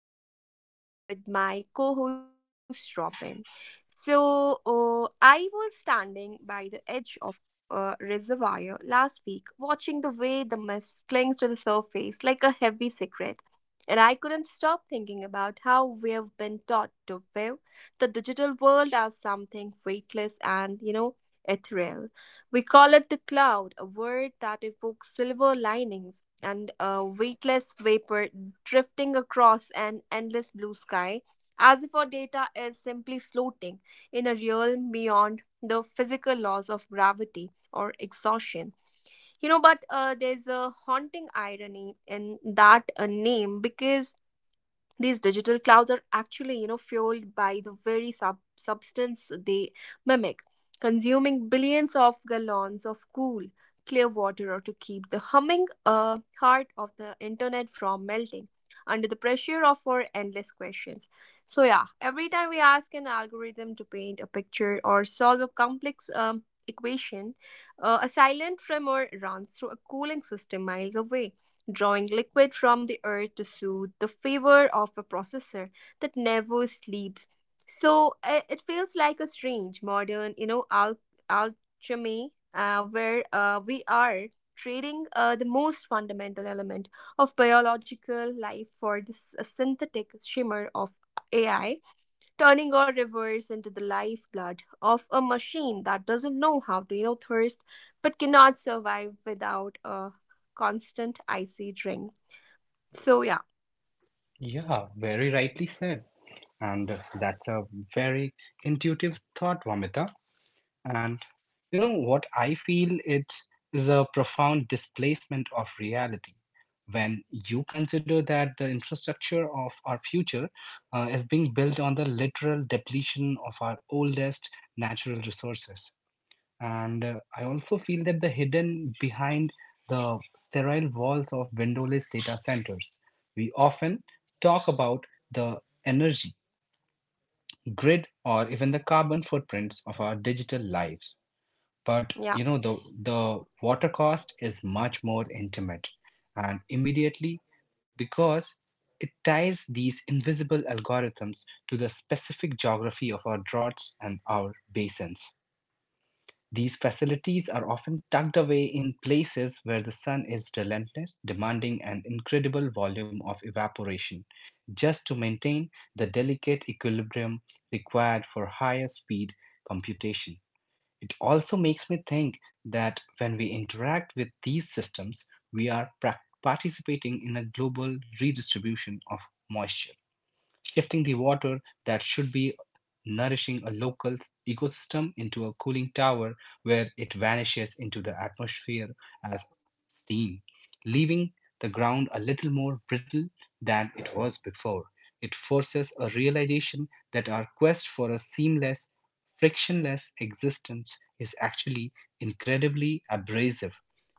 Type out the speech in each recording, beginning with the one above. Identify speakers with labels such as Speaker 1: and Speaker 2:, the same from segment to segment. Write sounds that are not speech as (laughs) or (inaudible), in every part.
Speaker 1: Talks. I'm your host, Reem, with my co host, Robin. I was standing by the edge of a reservoir last week, watching the way the mist clings to the surface like a heavy secret. And I couldn't stop thinking about how we've been taught to view the digital world as something weightless and, ethereal. We call it the cloud, a word that evokes silver linings and a weightless vapor drifting across an endless blue sky, as if our data is simply floating in a realm beyond the physical laws of gravity or exhaustion. But there's a haunting irony in that name, because these digital clouds are actually fueled by the very substance they mimic, consuming billions of gallons of cool, clear water to keep the humming heart of the internet from melting under the pressure of our endless questions. So, every time we ask an algorithm to paint a picture or solve a complex equation, a silent tremor runs through a cooling system miles away, drawing liquid from the earth to soothe the fever of a processor that never sleeps. It feels like a strange modern, alchemy, where we are trading the most fundamental element of biological life for this synthetic shimmer of AI, turning our rivers into the lifeblood of a machine that doesn't know how to, thirst, but cannot survive without a constant icy drink. So, yeah,
Speaker 2: Yeah, very rightly said. And that's a very intuitive thought, Vamita. And you know what, I feel it is a profound displacement of reality. When you consider that the infrastructure of our future is being built on the literal depletion of our oldest natural resources, and I also feel that the hidden behind the sterile walls of windowless data centers. We often talk about the energy grid or even the carbon footprints of our digital lives. But you
Speaker 1: yeah,
Speaker 2: know, the water cost is much more intimate and immediately, because it ties these invisible algorithms to the specific geography of our droughts and our basins. These facilities are often tucked away in places where the sun is relentless, demanding an incredible volume of evaporation just to maintain the delicate equilibrium required for higher speed computation. It also makes me think that when we interact with these systems, we are prac participating in a global redistribution of moisture, shifting the water that should be nourishing a local ecosystem into a cooling tower where it vanishes into the atmosphere as steam, leaving the ground a little more brittle than it was before. It forces a realization that our quest for a seamless, frictionless existence is actually incredibly abrasive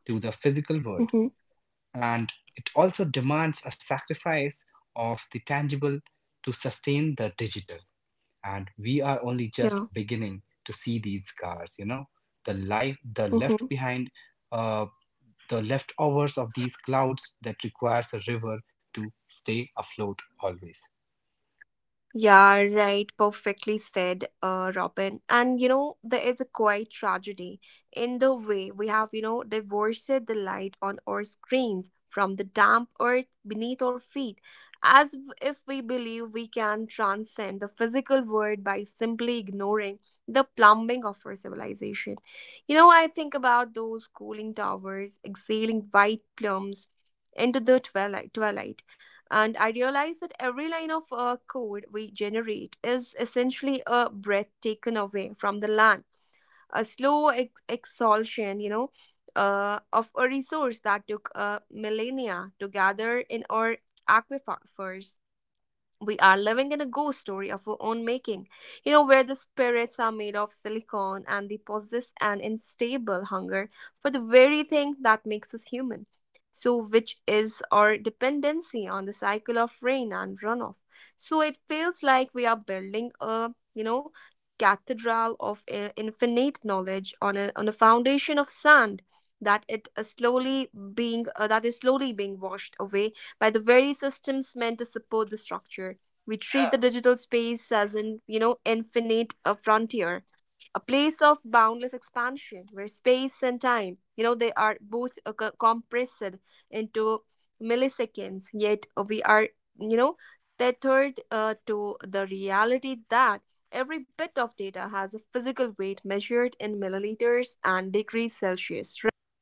Speaker 2: to the physical world,
Speaker 1: hmm
Speaker 2: and it also demands a sacrifice of the tangible to sustain the digital. And we are only just
Speaker 1: yeah.
Speaker 2: beginning to see these cars, you know, the life the left
Speaker 1: Mm-hmm.
Speaker 2: behind, uh, the leftovers of these clouds that requires a river to stay afloat always.
Speaker 1: Yeah, right. Perfectly said, Robin. And you know, there is a quiet tragedy in the way we have, divorced the light on our screens from the damp earth beneath our feet, as if we believe we can transcend the physical world by simply ignoring the plumbing of our civilization. You know, I think about those cooling towers exhaling white plumes into the twilight, and I realized that every line of code we generate is essentially a breath taken away from the land, a slow exhaustion, of a resource that took millennia to gather in our aquifers. We are living in a ghost story of our own making, where the spirits are made of silicon and they possess an unstable hunger for the very thing that makes us human. So, which is our dependency on the cycle of rain and runoff. So, it feels like we are building a, cathedral of infinite knowledge on on a foundation of sand that is slowly being washed away by the very systems meant to support the structure. We treat the digital space as an, infinite frontier, a place of boundless expansion where space and time, they are both compressed into milliseconds. Yet uh, we are, you know, tethered uh, to the reality that every bit of data has a physical weight measured in milliliters and degrees Celsius, right?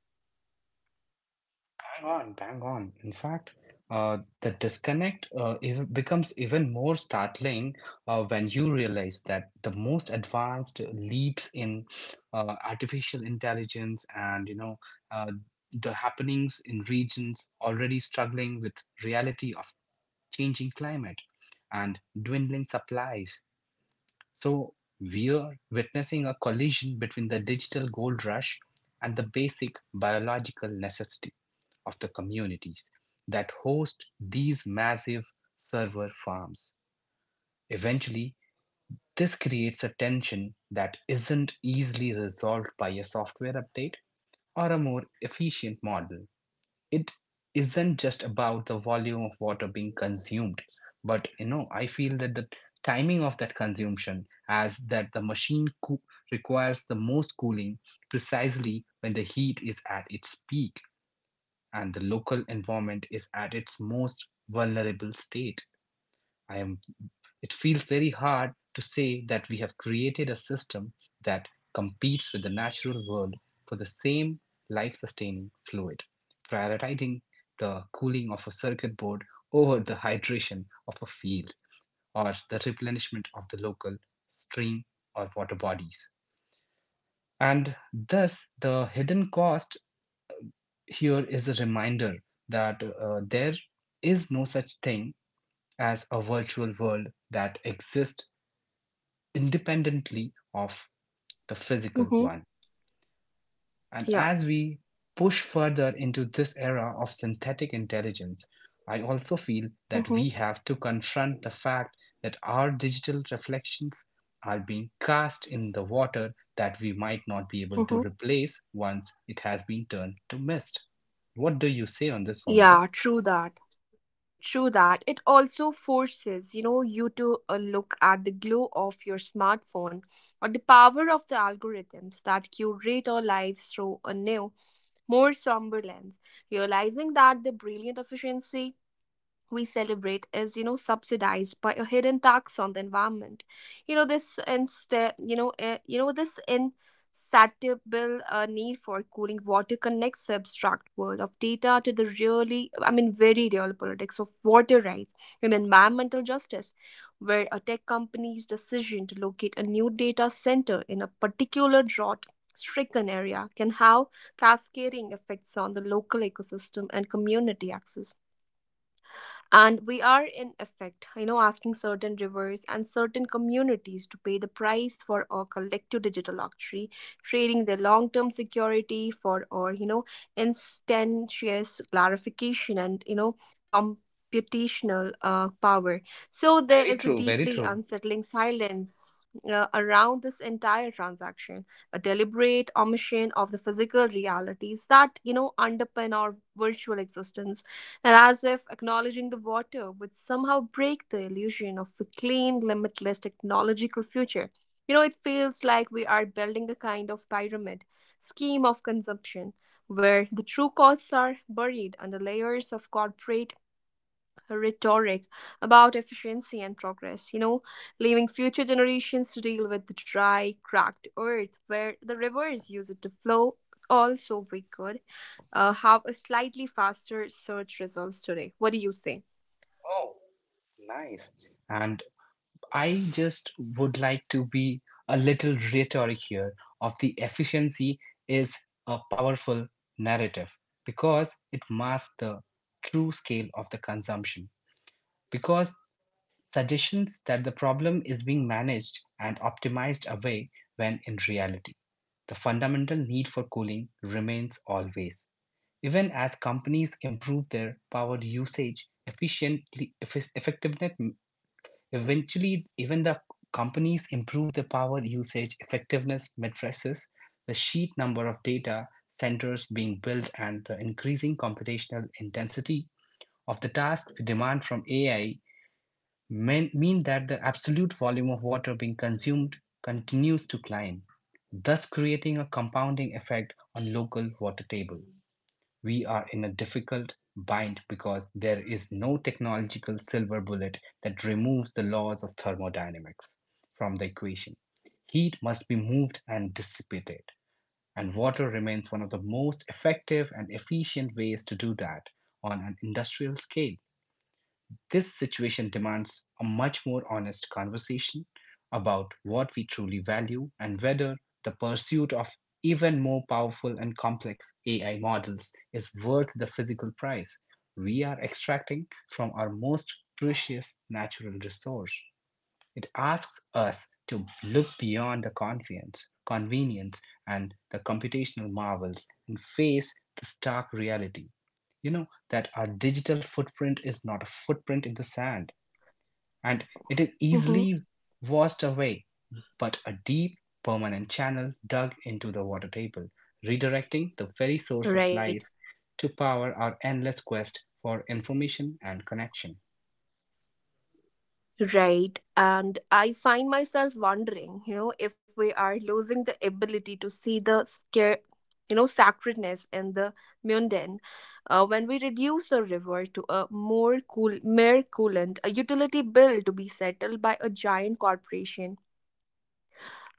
Speaker 2: Bang on, bang on. In fact, the disconnect becomes even more startling when you realize that the most advanced leaps in artificial intelligence and you know uh, the happenings in regions already struggling with reality of changing climate and dwindling supplies. So we are witnessing a collision between the digital gold rush and the basic biological necessity of the communities that host these massive server farms. Eventually, this creates a tension that isn't easily resolved by a software update or a more efficient model. It isn't just about the volume of water being consumed, but you know, I feel that the timing of that consumption, as that the machine requires the most cooling precisely when the heat is at its peak and the local environment is at its most vulnerable state. I am It feels very hard to say that we have created a system that competes with the natural world for the same life sustaining fluid, prioritizing the cooling of a circuit board over the hydration of a field or the replenishment of the local stream or water bodies. And thus, the hidden cost here is a reminder that there is no such thing as a virtual world that exists independently of the physical one.
Speaker 1: Mm-hmm.
Speaker 2: And as
Speaker 1: Yeah.
Speaker 2: we push further into this era of synthetic intelligence, I also feel that
Speaker 1: Mm-hmm.
Speaker 2: we have to confront the fact that our digital reflections are being cast in the water that we might not be able to
Speaker 1: Mm-hmm.
Speaker 2: replace once it has been turned to mist. What do you say on this, Formita?
Speaker 1: Yeah, true that. True that. It also forces, you to look at the glow of your smartphone or the power of the algorithms that curate our lives through a new, more somber lens, realizing that the brilliant efficiency we celebrate is subsidized by a hidden tax on the environment. You know this instead you know This insatiable need for cooling water connects the abstract world of data to the really I mean very real politics of water rights and environmental justice, where a tech company's decision to locate a new data center in a particular drought stricken area can have cascading effects on the local ecosystem and community access. And we are, in effect, asking certain rivers and certain communities to pay the price for our collective digital luxury, trading their long term security for our, instantaneous clarification and, computational power. So
Speaker 2: Very
Speaker 1: there is a
Speaker 2: true, very
Speaker 1: deeply
Speaker 2: true.
Speaker 1: unsettling silence around this entire transaction, a deliberate omission of the physical realities that, underpin our virtual existence, and as if acknowledging the water would somehow break the illusion of a clean, limitless technological future. You know, it feels like we are building a kind of pyramid scheme of consumption where the true costs are buried under layers of corporate rhetoric about efficiency and progress, leaving future generations to deal with the dry, cracked earth where the rivers use it to flow. Also, we could have a slightly faster search results today. What do you say?
Speaker 2: Oh, nice. And I just would like to be a little rhetoric here of the efficiency is a powerful narrative because it masks the true scale of the consumption. Because suggestions that the problem is being managed and optimized away when in reality, the fundamental need for cooling remains always. Even as companies improve their power usage efficiently, effectiveness. Eventually, even the companies improve the power usage effectiveness matrices, the sheet number of data centers being built, and the increasing computational intensity of the task we demand from AI mean that the absolute volume of water being consumed continues to climb, thus creating a compounding effect on local water table. We are in a difficult bind because there is no technological silver bullet that removes the laws of thermodynamics from the equation. Heat must be moved and dissipated, and water remains one of the most effective and efficient ways to do that on an industrial scale. This situation demands a much more honest conversation about what we truly value and whether the pursuit of even more powerful and complex AI models is worth the physical price we are extracting from our most precious natural resource. It asks us to look beyond the convenience and the computational marvels and face the stark reality. You know that our digital footprint is not a footprint in the sand and it is
Speaker 1: hmm
Speaker 2: easily washed away, but a deep, permanent channel dug into the water table, redirecting the very source of
Speaker 1: Right.
Speaker 2: life to power our endless quest for information and connection.
Speaker 1: Right. And I find myself wondering, if we are losing the ability to see the scare, sacredness in the mundane when we reduce a river to a more cool, mere coolant, a utility bill to be settled by a giant corporation.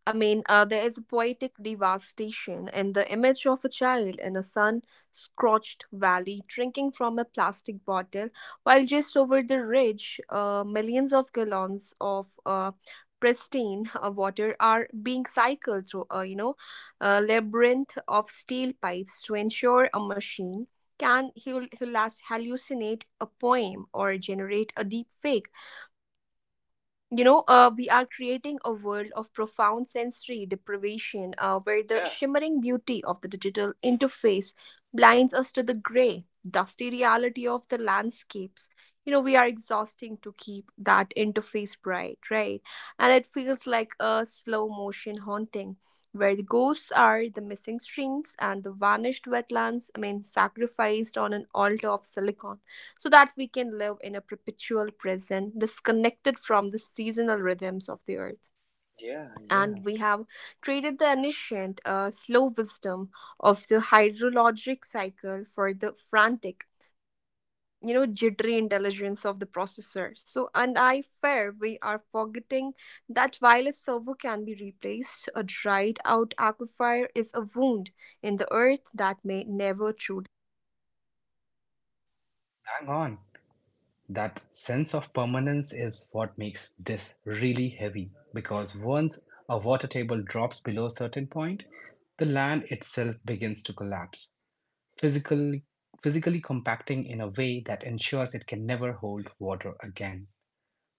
Speaker 1: There is a poetic devastation in the image of a child in a sun scorched valley drinking from a plastic bottle, while just over the ridge, millions of gallons of pristine water are being cycled through a a labyrinth of steel pipes to ensure a machine can hallucinate a poem or generate a deep fake. We are creating a world of profound sensory deprivation where the
Speaker 2: Yeah,
Speaker 1: shimmering beauty of the digital interface blinds us to the gray, dusty reality of the landscapes. You know, we are exhausting to keep that interface bright, right? And it feels like a slow motion haunting where the ghosts are the missing streams and the vanished wetlands, sacrificed on an altar of silicon so that we can live in a perpetual present disconnected from the seasonal rhythms of the earth.
Speaker 2: yeah, yeah.
Speaker 1: And we have traded the ancient, slow wisdom of the hydrologic cycle for the frantic, jittery intelligence of the processor. So, and I fear we are forgetting that while a server can be replaced, a dried out aquifer is a wound in the earth that may never truly heal, right?
Speaker 2: Hang on. That sense of permanence is what makes this really heavy, because once a water table drops below a certain point, the land itself begins to collapse, physically, physically compacting in a way that ensures it can never hold water again.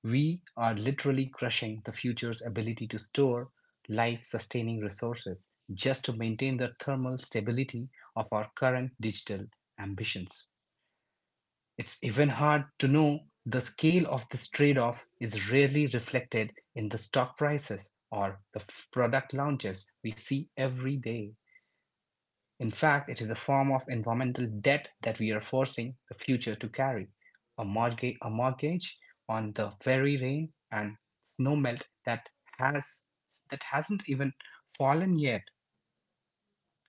Speaker 2: We are literally crushing the future's ability to store life sustaining resources just to maintain the thermal stability of our current digital ambitions. It's even hard to know the scale of this trade off is rarely reflected in the stock prices or the product launches we see every day. In fact, it is a form of environmental debt that we are forcing the future to carry, a mortgage on the very rain and snowmelt that has that hasn't even fallen yet.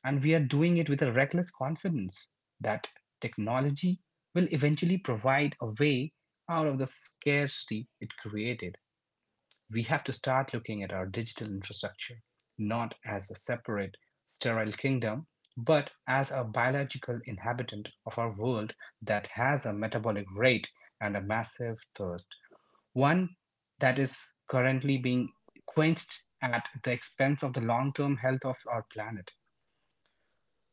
Speaker 2: And we are doing it with a reckless confidence that technology will eventually provide a way out of the scarcity it created. We have to start looking at our digital infrastructure not as a separate, sterile kingdom, but as a biological inhabitant of our world that has a metabolic rate and a massive thirst, one that is currently being quenched at the expense of the long term health of our planet.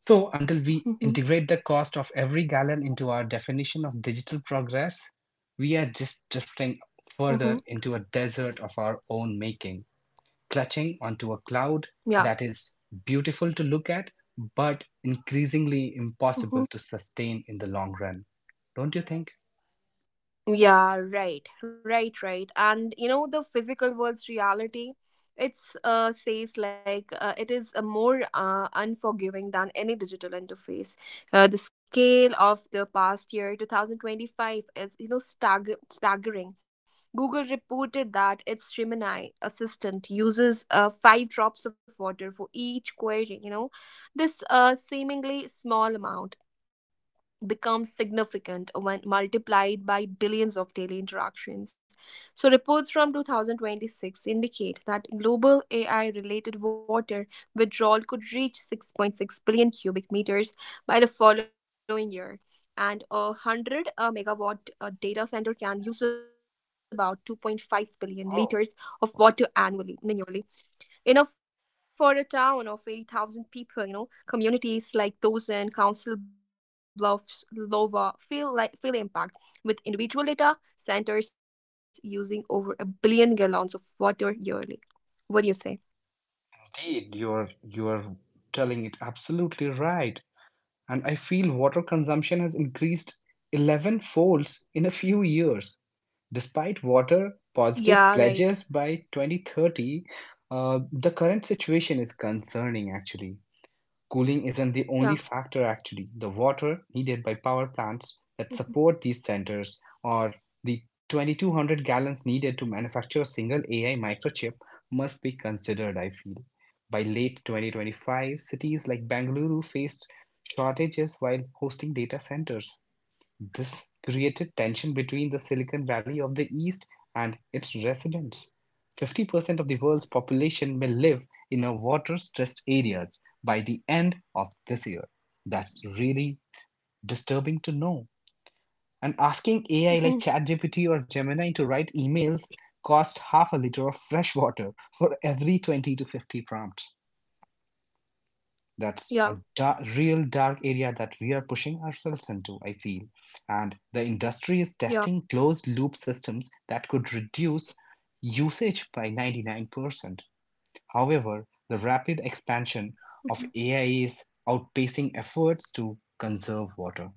Speaker 2: So, until we
Speaker 1: hmm
Speaker 2: integrate the cost of every gallon into our definition of digital progress, we are just drifting
Speaker 1: hmm
Speaker 2: further into a desert of our own making, clutching onto a cloud
Speaker 1: Yeah.
Speaker 2: that is beautiful to look at, but increasingly
Speaker 1: Mhm.
Speaker 2: impossible to sustain in the long run. Don't you think?
Speaker 1: Yeah, right, right, right. And you know, the physical world's reality, it's says like it is a more unforgiving than any digital interface. The scale of the past year, 2025, is staggering. Google reported that its Gemini assistant uses five drops of water for each query. You know, this seemingly small amount becomes significant when multiplied by billions of daily interactions. So, reports from 2026 indicate that global AI related water withdrawal could reach 6.6 billion cubic meters by the following year. And a 100 megawatt data center can use about 2.5 billion
Speaker 2: Oh,
Speaker 1: liters of water annually, enough for a town of 80,000 people, you know. Communities like those in Council Bluffs, Lova feel the impact with individual data centers using over a billion gallons of water yearly. What do you say?
Speaker 2: indeed, you're telling it absolutely right. And I feel water consumption has increased 11 folds in a few years. Despite water positive
Speaker 1: Yeah, right.
Speaker 2: pledges by 2030, the current situation is concerning actually. Cooling isn't the only factor
Speaker 1: Yeah.
Speaker 2: actually. The water needed by power plants that support these centers or the 2,200 gallons needed to manufacture a single AI microchip must be considered, I feel. By late 2025, cities like Bangalore faced shortages while hosting data centers. This created tension between the Silicon Valley of the East and its residents. 50% of the world's population will live in a water stressed areas by the end of this year. That's really disturbing to know. And asking AI like
Speaker 1: Mhm.
Speaker 2: ChatGPT or Gemini to write emails costs half a liter of fresh water for every 20 to 50 prompts. That's a
Speaker 1: Yeah.
Speaker 2: real dark area that we are pushing ourselves into, I feel. And the industry is testing
Speaker 1: Yeah.
Speaker 2: closed loop systems that could reduce usage by 99%. However, the rapid expansion of AI is outpacing efforts to conserve water.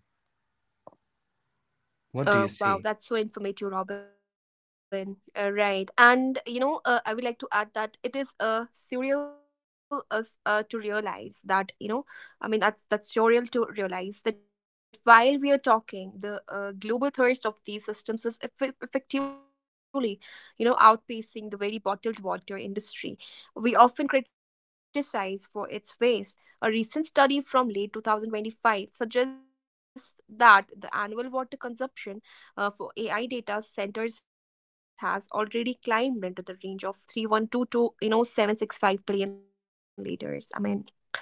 Speaker 2: What do you say?
Speaker 1: Wow, that's so informative, Robin. Right, and you know, I would like to add that it is to realize that that's surreal to realize that while we are talking, the global thirst of these systems is effectively, outpacing the very bottled water industry we often criticize for its waste. A recent study from late 2025 suggests that the annual water consumption for AI data centers has already climbed into the range of 312 to 765 billion liters. I mean,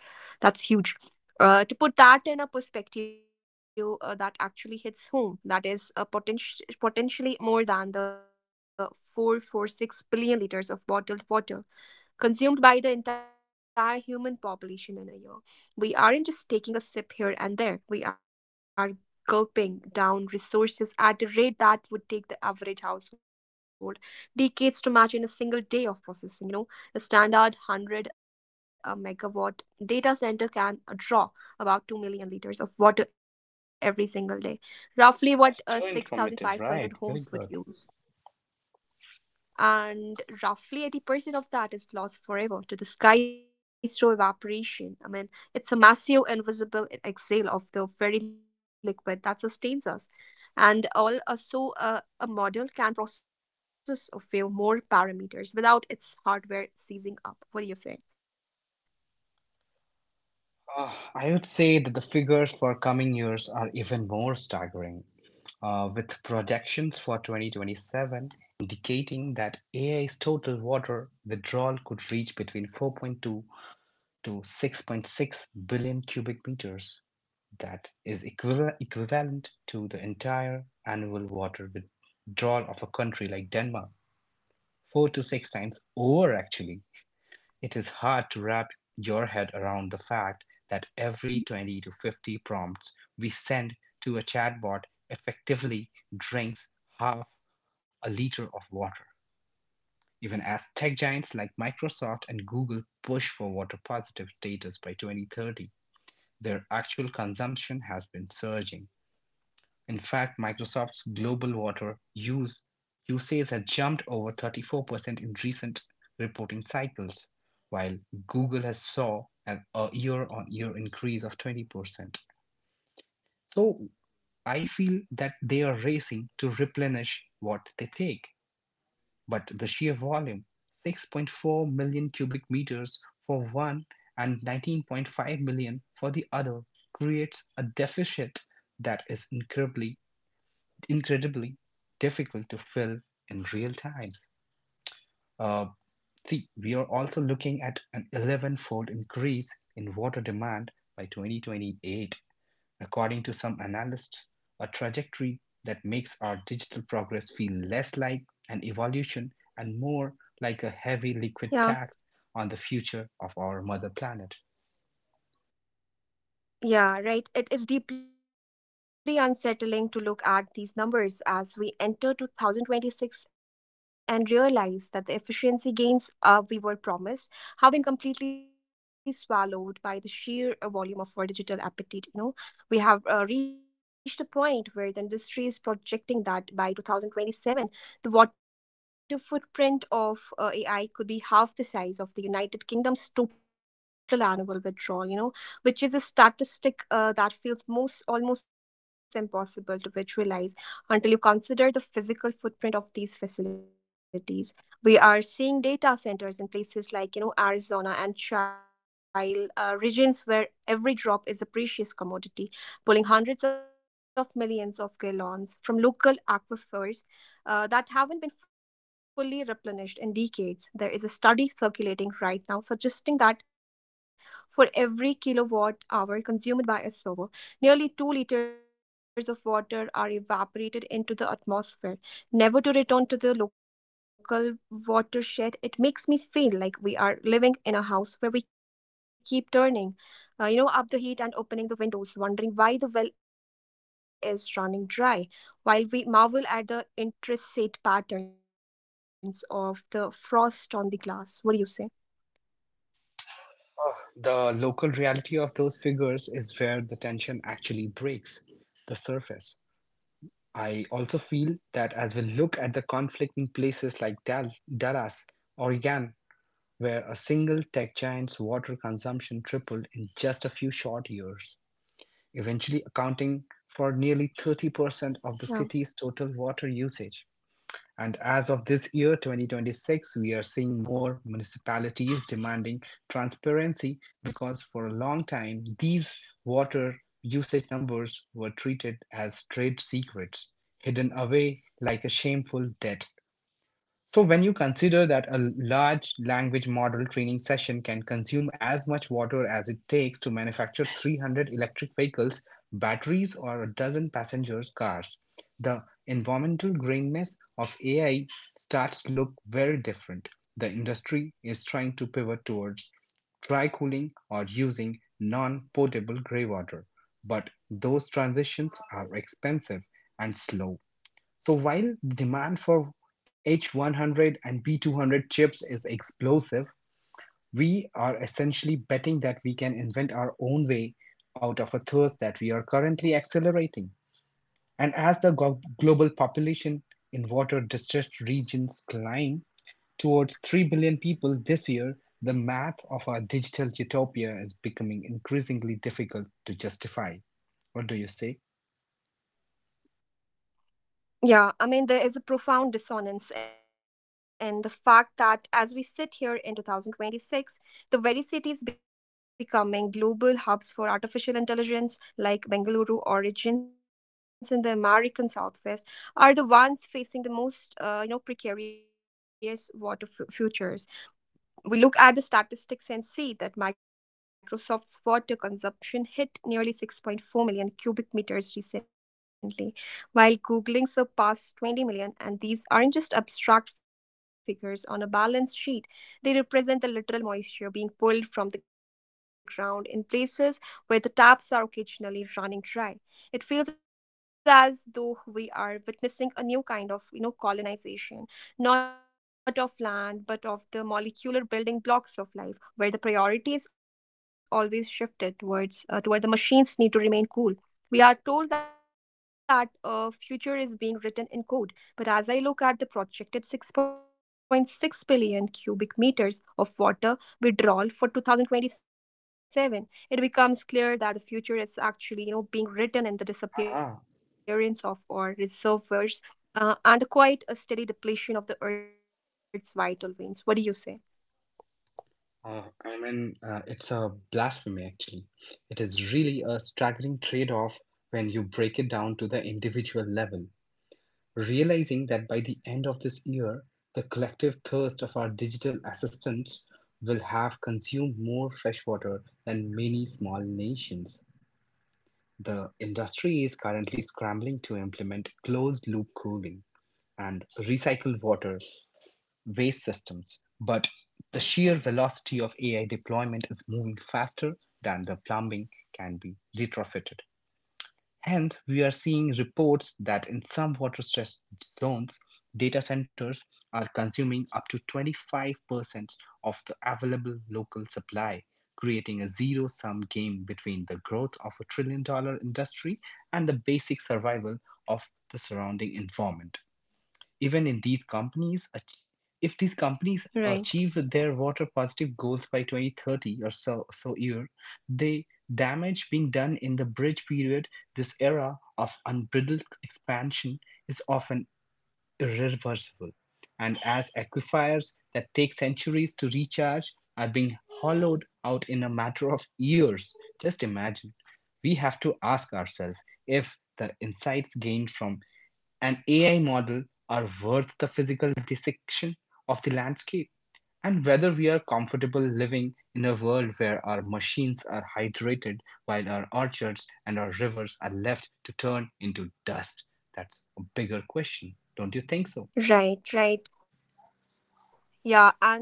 Speaker 1: that's huge. To put that in a perspective that actually hits home, that is a potentially more than the 446 billion liters of bottled water consumed by the entire human population in a year. We aren't just taking a sip here and there, we are gulping down resources at a rate that would take the average household decades to match in a single day of processing. You know, the standard 100 megawatt data center can draw about 2 million liters of water every single day, roughly what
Speaker 2: That's too informative,
Speaker 1: 6,500
Speaker 2: right? Very
Speaker 1: homes would
Speaker 2: good.
Speaker 1: use, and roughly 80% of that is lost forever to the sky through evaporation. I mean, it's a massive, invisible exhale of the very liquid that sustains us. And all so a model can process a few more parameters without its hardware seizing up. What do you say?
Speaker 2: I would say that the figures for coming years are even more staggering, with projections for 2027 indicating that AI's total water withdrawal could reach between 4.2 to 6.6 billion cubic meters. That is equivalent to the entire annual water withdrawal of a country like Denmark, four to six times over, actually. It is hard to wrap your head around the fact that every 20 to 50 prompts we send to a chatbot effectively drinks half a liter of water, even as tech giants like Microsoft and Google push for water positive status by 2030. Their actual consumption has been surging. In fact, Microsoft's global water use usage has jumped over 34% in recent reporting cycles, while Google has saw a year-on-year increase of 20%. So I feel that they are racing to replenish what they take. But the sheer volume, 6.4 million cubic meters for one and 19.5 million for the other, creates a deficit that is incredibly difficult to fill in real times. Uh, see, we are also looking at an 11 fold increase in water demand by 2028. According to some analysts, a trajectory that makes our digital progress feel less like an evolution and more like a heavy liquid tax on
Speaker 1: Yeah,
Speaker 2: the future of our mother planet.
Speaker 1: Yeah, right. It is deeply unsettling to look at these numbers as we enter 2026 and realize that the efficiency gains we were promised have been completely swallowed by the sheer volume of our digital appetite. We have reached a point where the industry is projecting that by 2027, the water footprint of AI could be half the size of the United Kingdom's total annual withdrawal. Which is a statistic that feels most almost impossible to visualize until you consider the physical footprint of these facilities. We are seeing data centers in places like Arizona and Chile, regions where every drop is a precious commodity, pulling hundreds of millions of gallons from local aquifers that haven't been fully replenished in decades. There is a study circulating right now suggesting that for every kilowatt hour consumed by a server, nearly 2 liters of water are evaporated into the atmosphere, never to return to the local watershed. It makes me feel like we are living in a house where we keep up the heat and opening the windows, wondering why the well is running dry, while we marvel at the intricate patterns of the frost on the glass. What do you say?
Speaker 2: Ah, the local reality of those figures is where the tension actually breaks the surface. I also feel that as we look at the conflict in places like Dallas Oregon, where a single tech giant's water consumption tripled in just a few short years, eventually accounting for nearly 30% of the
Speaker 1: Yeah.
Speaker 2: city's total water usage. And as of this year, 2026, we are seeing more municipalities demanding transparency, because for a long time, these water usage numbers were treated as trade secrets, hidden away like a shameful debt. So, when you consider that a large language model training session can consume as much water as it takes to manufacture 300 electric vehicles, batteries, or a dozen passenger cars, the environmental greenness of AI starts to look very different. The industry is trying to pivot towards dry cooling or using non potable grey water, but those transitions are expensive and slow. So while the demand for H100 and B200 chips is explosive, we are essentially betting that we can
Speaker 1: Mhm.
Speaker 2: invent our own way out of a thirst that we are currently accelerating. And as the global population in water distressed regions climb towards 3 billion people this year, the math of our digital utopia is becoming increasingly difficult to justify. What do you say?
Speaker 1: Yeah. There is a profound dissonance in the fact that as we sit here in 2026, the very cities becoming global hubs for artificial intelligence, like Bengaluru or regions in the American Southwest, are the ones facing the precarious water futures. We look at the statistics and see that Microsoft's water consumption hit nearly 6.4 million cubic meters recently, while Googling surpassed 20 million. And these aren't just abstract figures on a balance sheet, they represent the literal moisture being pulled from the ground in places where the taps are occasionally running dry. It feels as though we are witnessing a new kind of colonization, not of land, but of the molecular building blocks of life, where the priority is always shifted toward the machines need to remain cool. We are told that a future is being written in code, but as I look at the projected 6.6 billion cubic meters of water withdrawal for 2027, it becomes clear that the future is actually being written in the disappearance of our reservoirs and the quite a steady depletion of the Earth's vital veins. What do you say?
Speaker 2: I mean, it's a blasphemy, actually. It is really a staggering trade-off when you break it down to the individual level, realizing that by the end of this year, the collective thirst of our digital assistants will have consumed more fresh water than many small nations. The industry is currently scrambling to implement closed-loop cooling and recycled water waste systems, but the sheer velocity of AI deployment is moving faster than the plumbing can be retrofitted. Hence, we are seeing reports that in some water stressed zones, data centers are consuming up to 25% of the available local supply, creating a zero sum game between the growth of a trillion dollar industry and the basic survival of the surrounding environment. Even in these if these companies
Speaker 1: Right,
Speaker 2: achieve their water positive goals by 2030 or so year, the damage being done in the bridge period, this era of unbridled expansion, is often irreversible. And as aquifers that take centuries to recharge are being hollowed out in a matter of years, just imagine, we have to ask ourselves if the insights gained from and AI model are worth the physical dissection of the landscape, and whether we are comfortable living in a world where our machines are hydrated while our orchards and our rivers are left to turn into dust. That's a bigger question, don't you think so?
Speaker 1: right. Yeah, and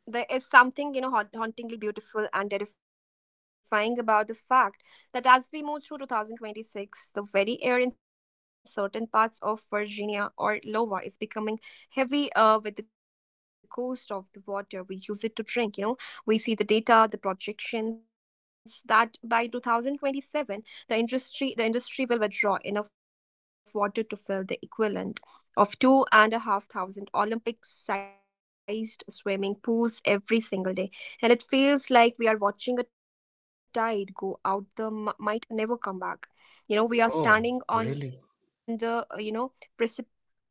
Speaker 1: there is something hauntingly beautiful and terrifying about the fact that as we move through 2026 the very air in certain parts of Virginia or Iowa is becoming heavy with the ghost of the water we use it to drink. We see the data, the projections that by 2027 the industry will withdraw enough water to fill the equivalent of 2,500 Olympic sized swimming pools every single day. And it feels like we are watching a tide go out the might never come back. You know, we
Speaker 2: Oh,
Speaker 1: are standing
Speaker 2: really?
Speaker 1: on the, you know,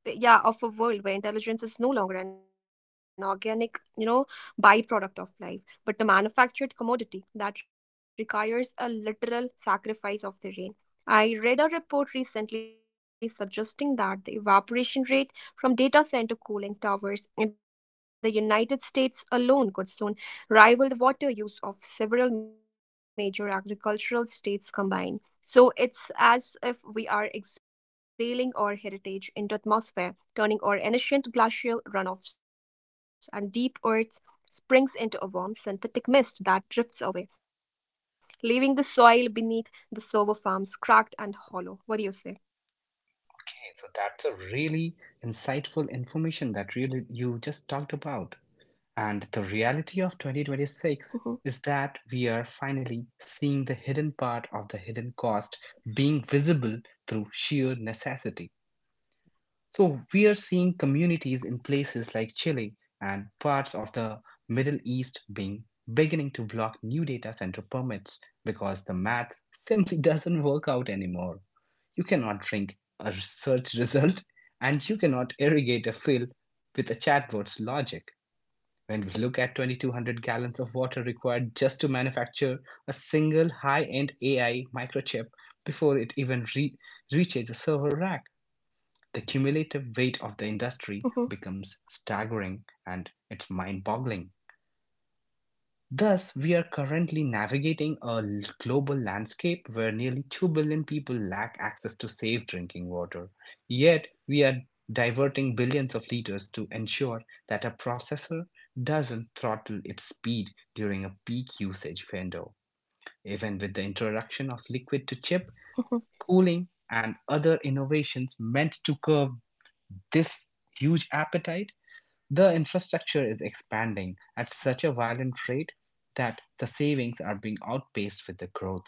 Speaker 1: but yeah, of a world where intelligence is no longer an organic byproduct of life, but a manufactured commodity that requires a literal sacrifice of the rain. I read a report recently suggesting that the evaporation rate from data center cooling towers in the United States alone could soon rival the water use of several major agricultural states combined. So it's as if we are exhaling our heritage into atmosphere, turning our ancient glacial runoffs and deep earth springs into a warm synthetic mist that drifts away, leaving the soil beneath the servo farms cracked and hollow. What do you say?
Speaker 2: Okay, so that's a really insightful information that really you just talked about. And the reality of 2026
Speaker 1: Hmm.
Speaker 2: is that we are finally seeing the hidden part of the hidden cost being visible through sheer necessity. So we are seeing communities in places like Chile and parts of the Middle East being beginning to block new data center permits, because the math simply (laughs) doesn't work out anymore. You cannot drink a search (laughs) result, and you cannot irrigate a field with a chatbot's logic. When we look at 2,200 gallons of water required just to manufacture a single high end AI microchip before it even reaches a server rack, the cumulative weight of the
Speaker 1: Hmm.
Speaker 2: industry becomes staggering, and it's mind boggling. Thus, we are
Speaker 1: Hmm.
Speaker 2: currently navigating a global landscape where nearly 2 billion people lack access to safe drinking water. Yet, we
Speaker 1: Hmm.
Speaker 2: are diverting billions of liters to ensure that a processor doesn't throttle its speed during a peak usage window. Even with the
Speaker 1: Hmm.
Speaker 2: introduction of liquid to chip cooling, and other innovations meant to curb this huge appetite, the infrastructure is expanding at such a violent rate that the savings are being outpaced with the growth.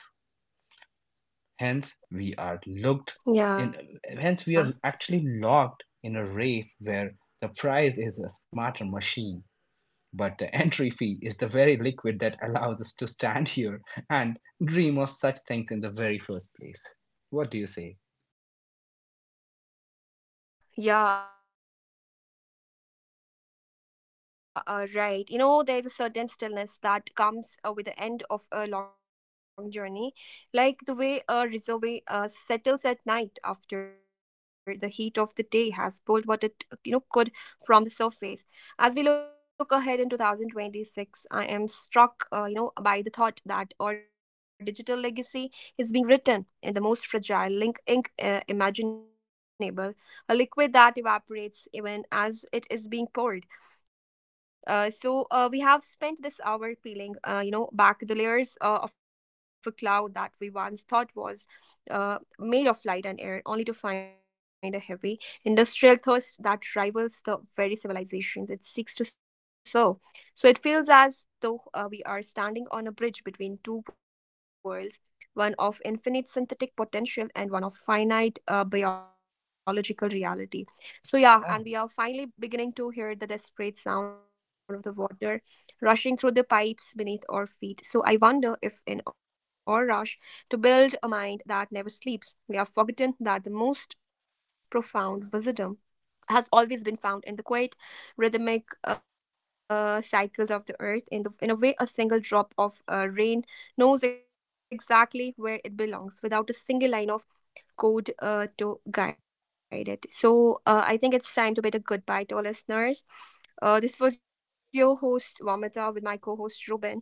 Speaker 1: Yeah.
Speaker 2: Hence, we are looked in, hence, we are actually locked in a race where the price is a smarter machine, but the entry fee is the very liquid that allows us to stand here and dream of such things in the very first place. What do you say?
Speaker 1: Yeah, right. You know, there's a certain stillness that comes with the end of a long journey, like the way a reservoir settles at night after the heat of the day has pulled what it could from the surface. As we look ahead in 2026, I am struck by the thought that our digital legacy is being written in the most fragile link ink imaginable, a liquid that evaporates even as it is being poured. We have spent this hour peeling back the layers of a cloud that we once thought was uh, made of light and air, only to find a heavy industrial thirst that rivals the very civilizations it seeks to serve. So it feels as though we are standing on a bridge between two worlds, one of infinite synthetic potential and one of finite biological reality. So yeah, and we are finally beginning to hear the desperate sound of the
Speaker 2: Uh-huh.
Speaker 1: water rushing through the pipes beneath our feet. So I wonder if in our rush to build a mind that never sleeps, we have forgotten that the most profound wisdom has always been found in the quiet rhythmic cycles of the earth, in the in a way a single drop of rain knows exactly where it belongs without a single line of good to guide it. So I think it's time to bid a goodbye to our listeners. This was your host Vamita with my co-host Robin. Robin, we'll catch you in the next episode. Till then, bye bye.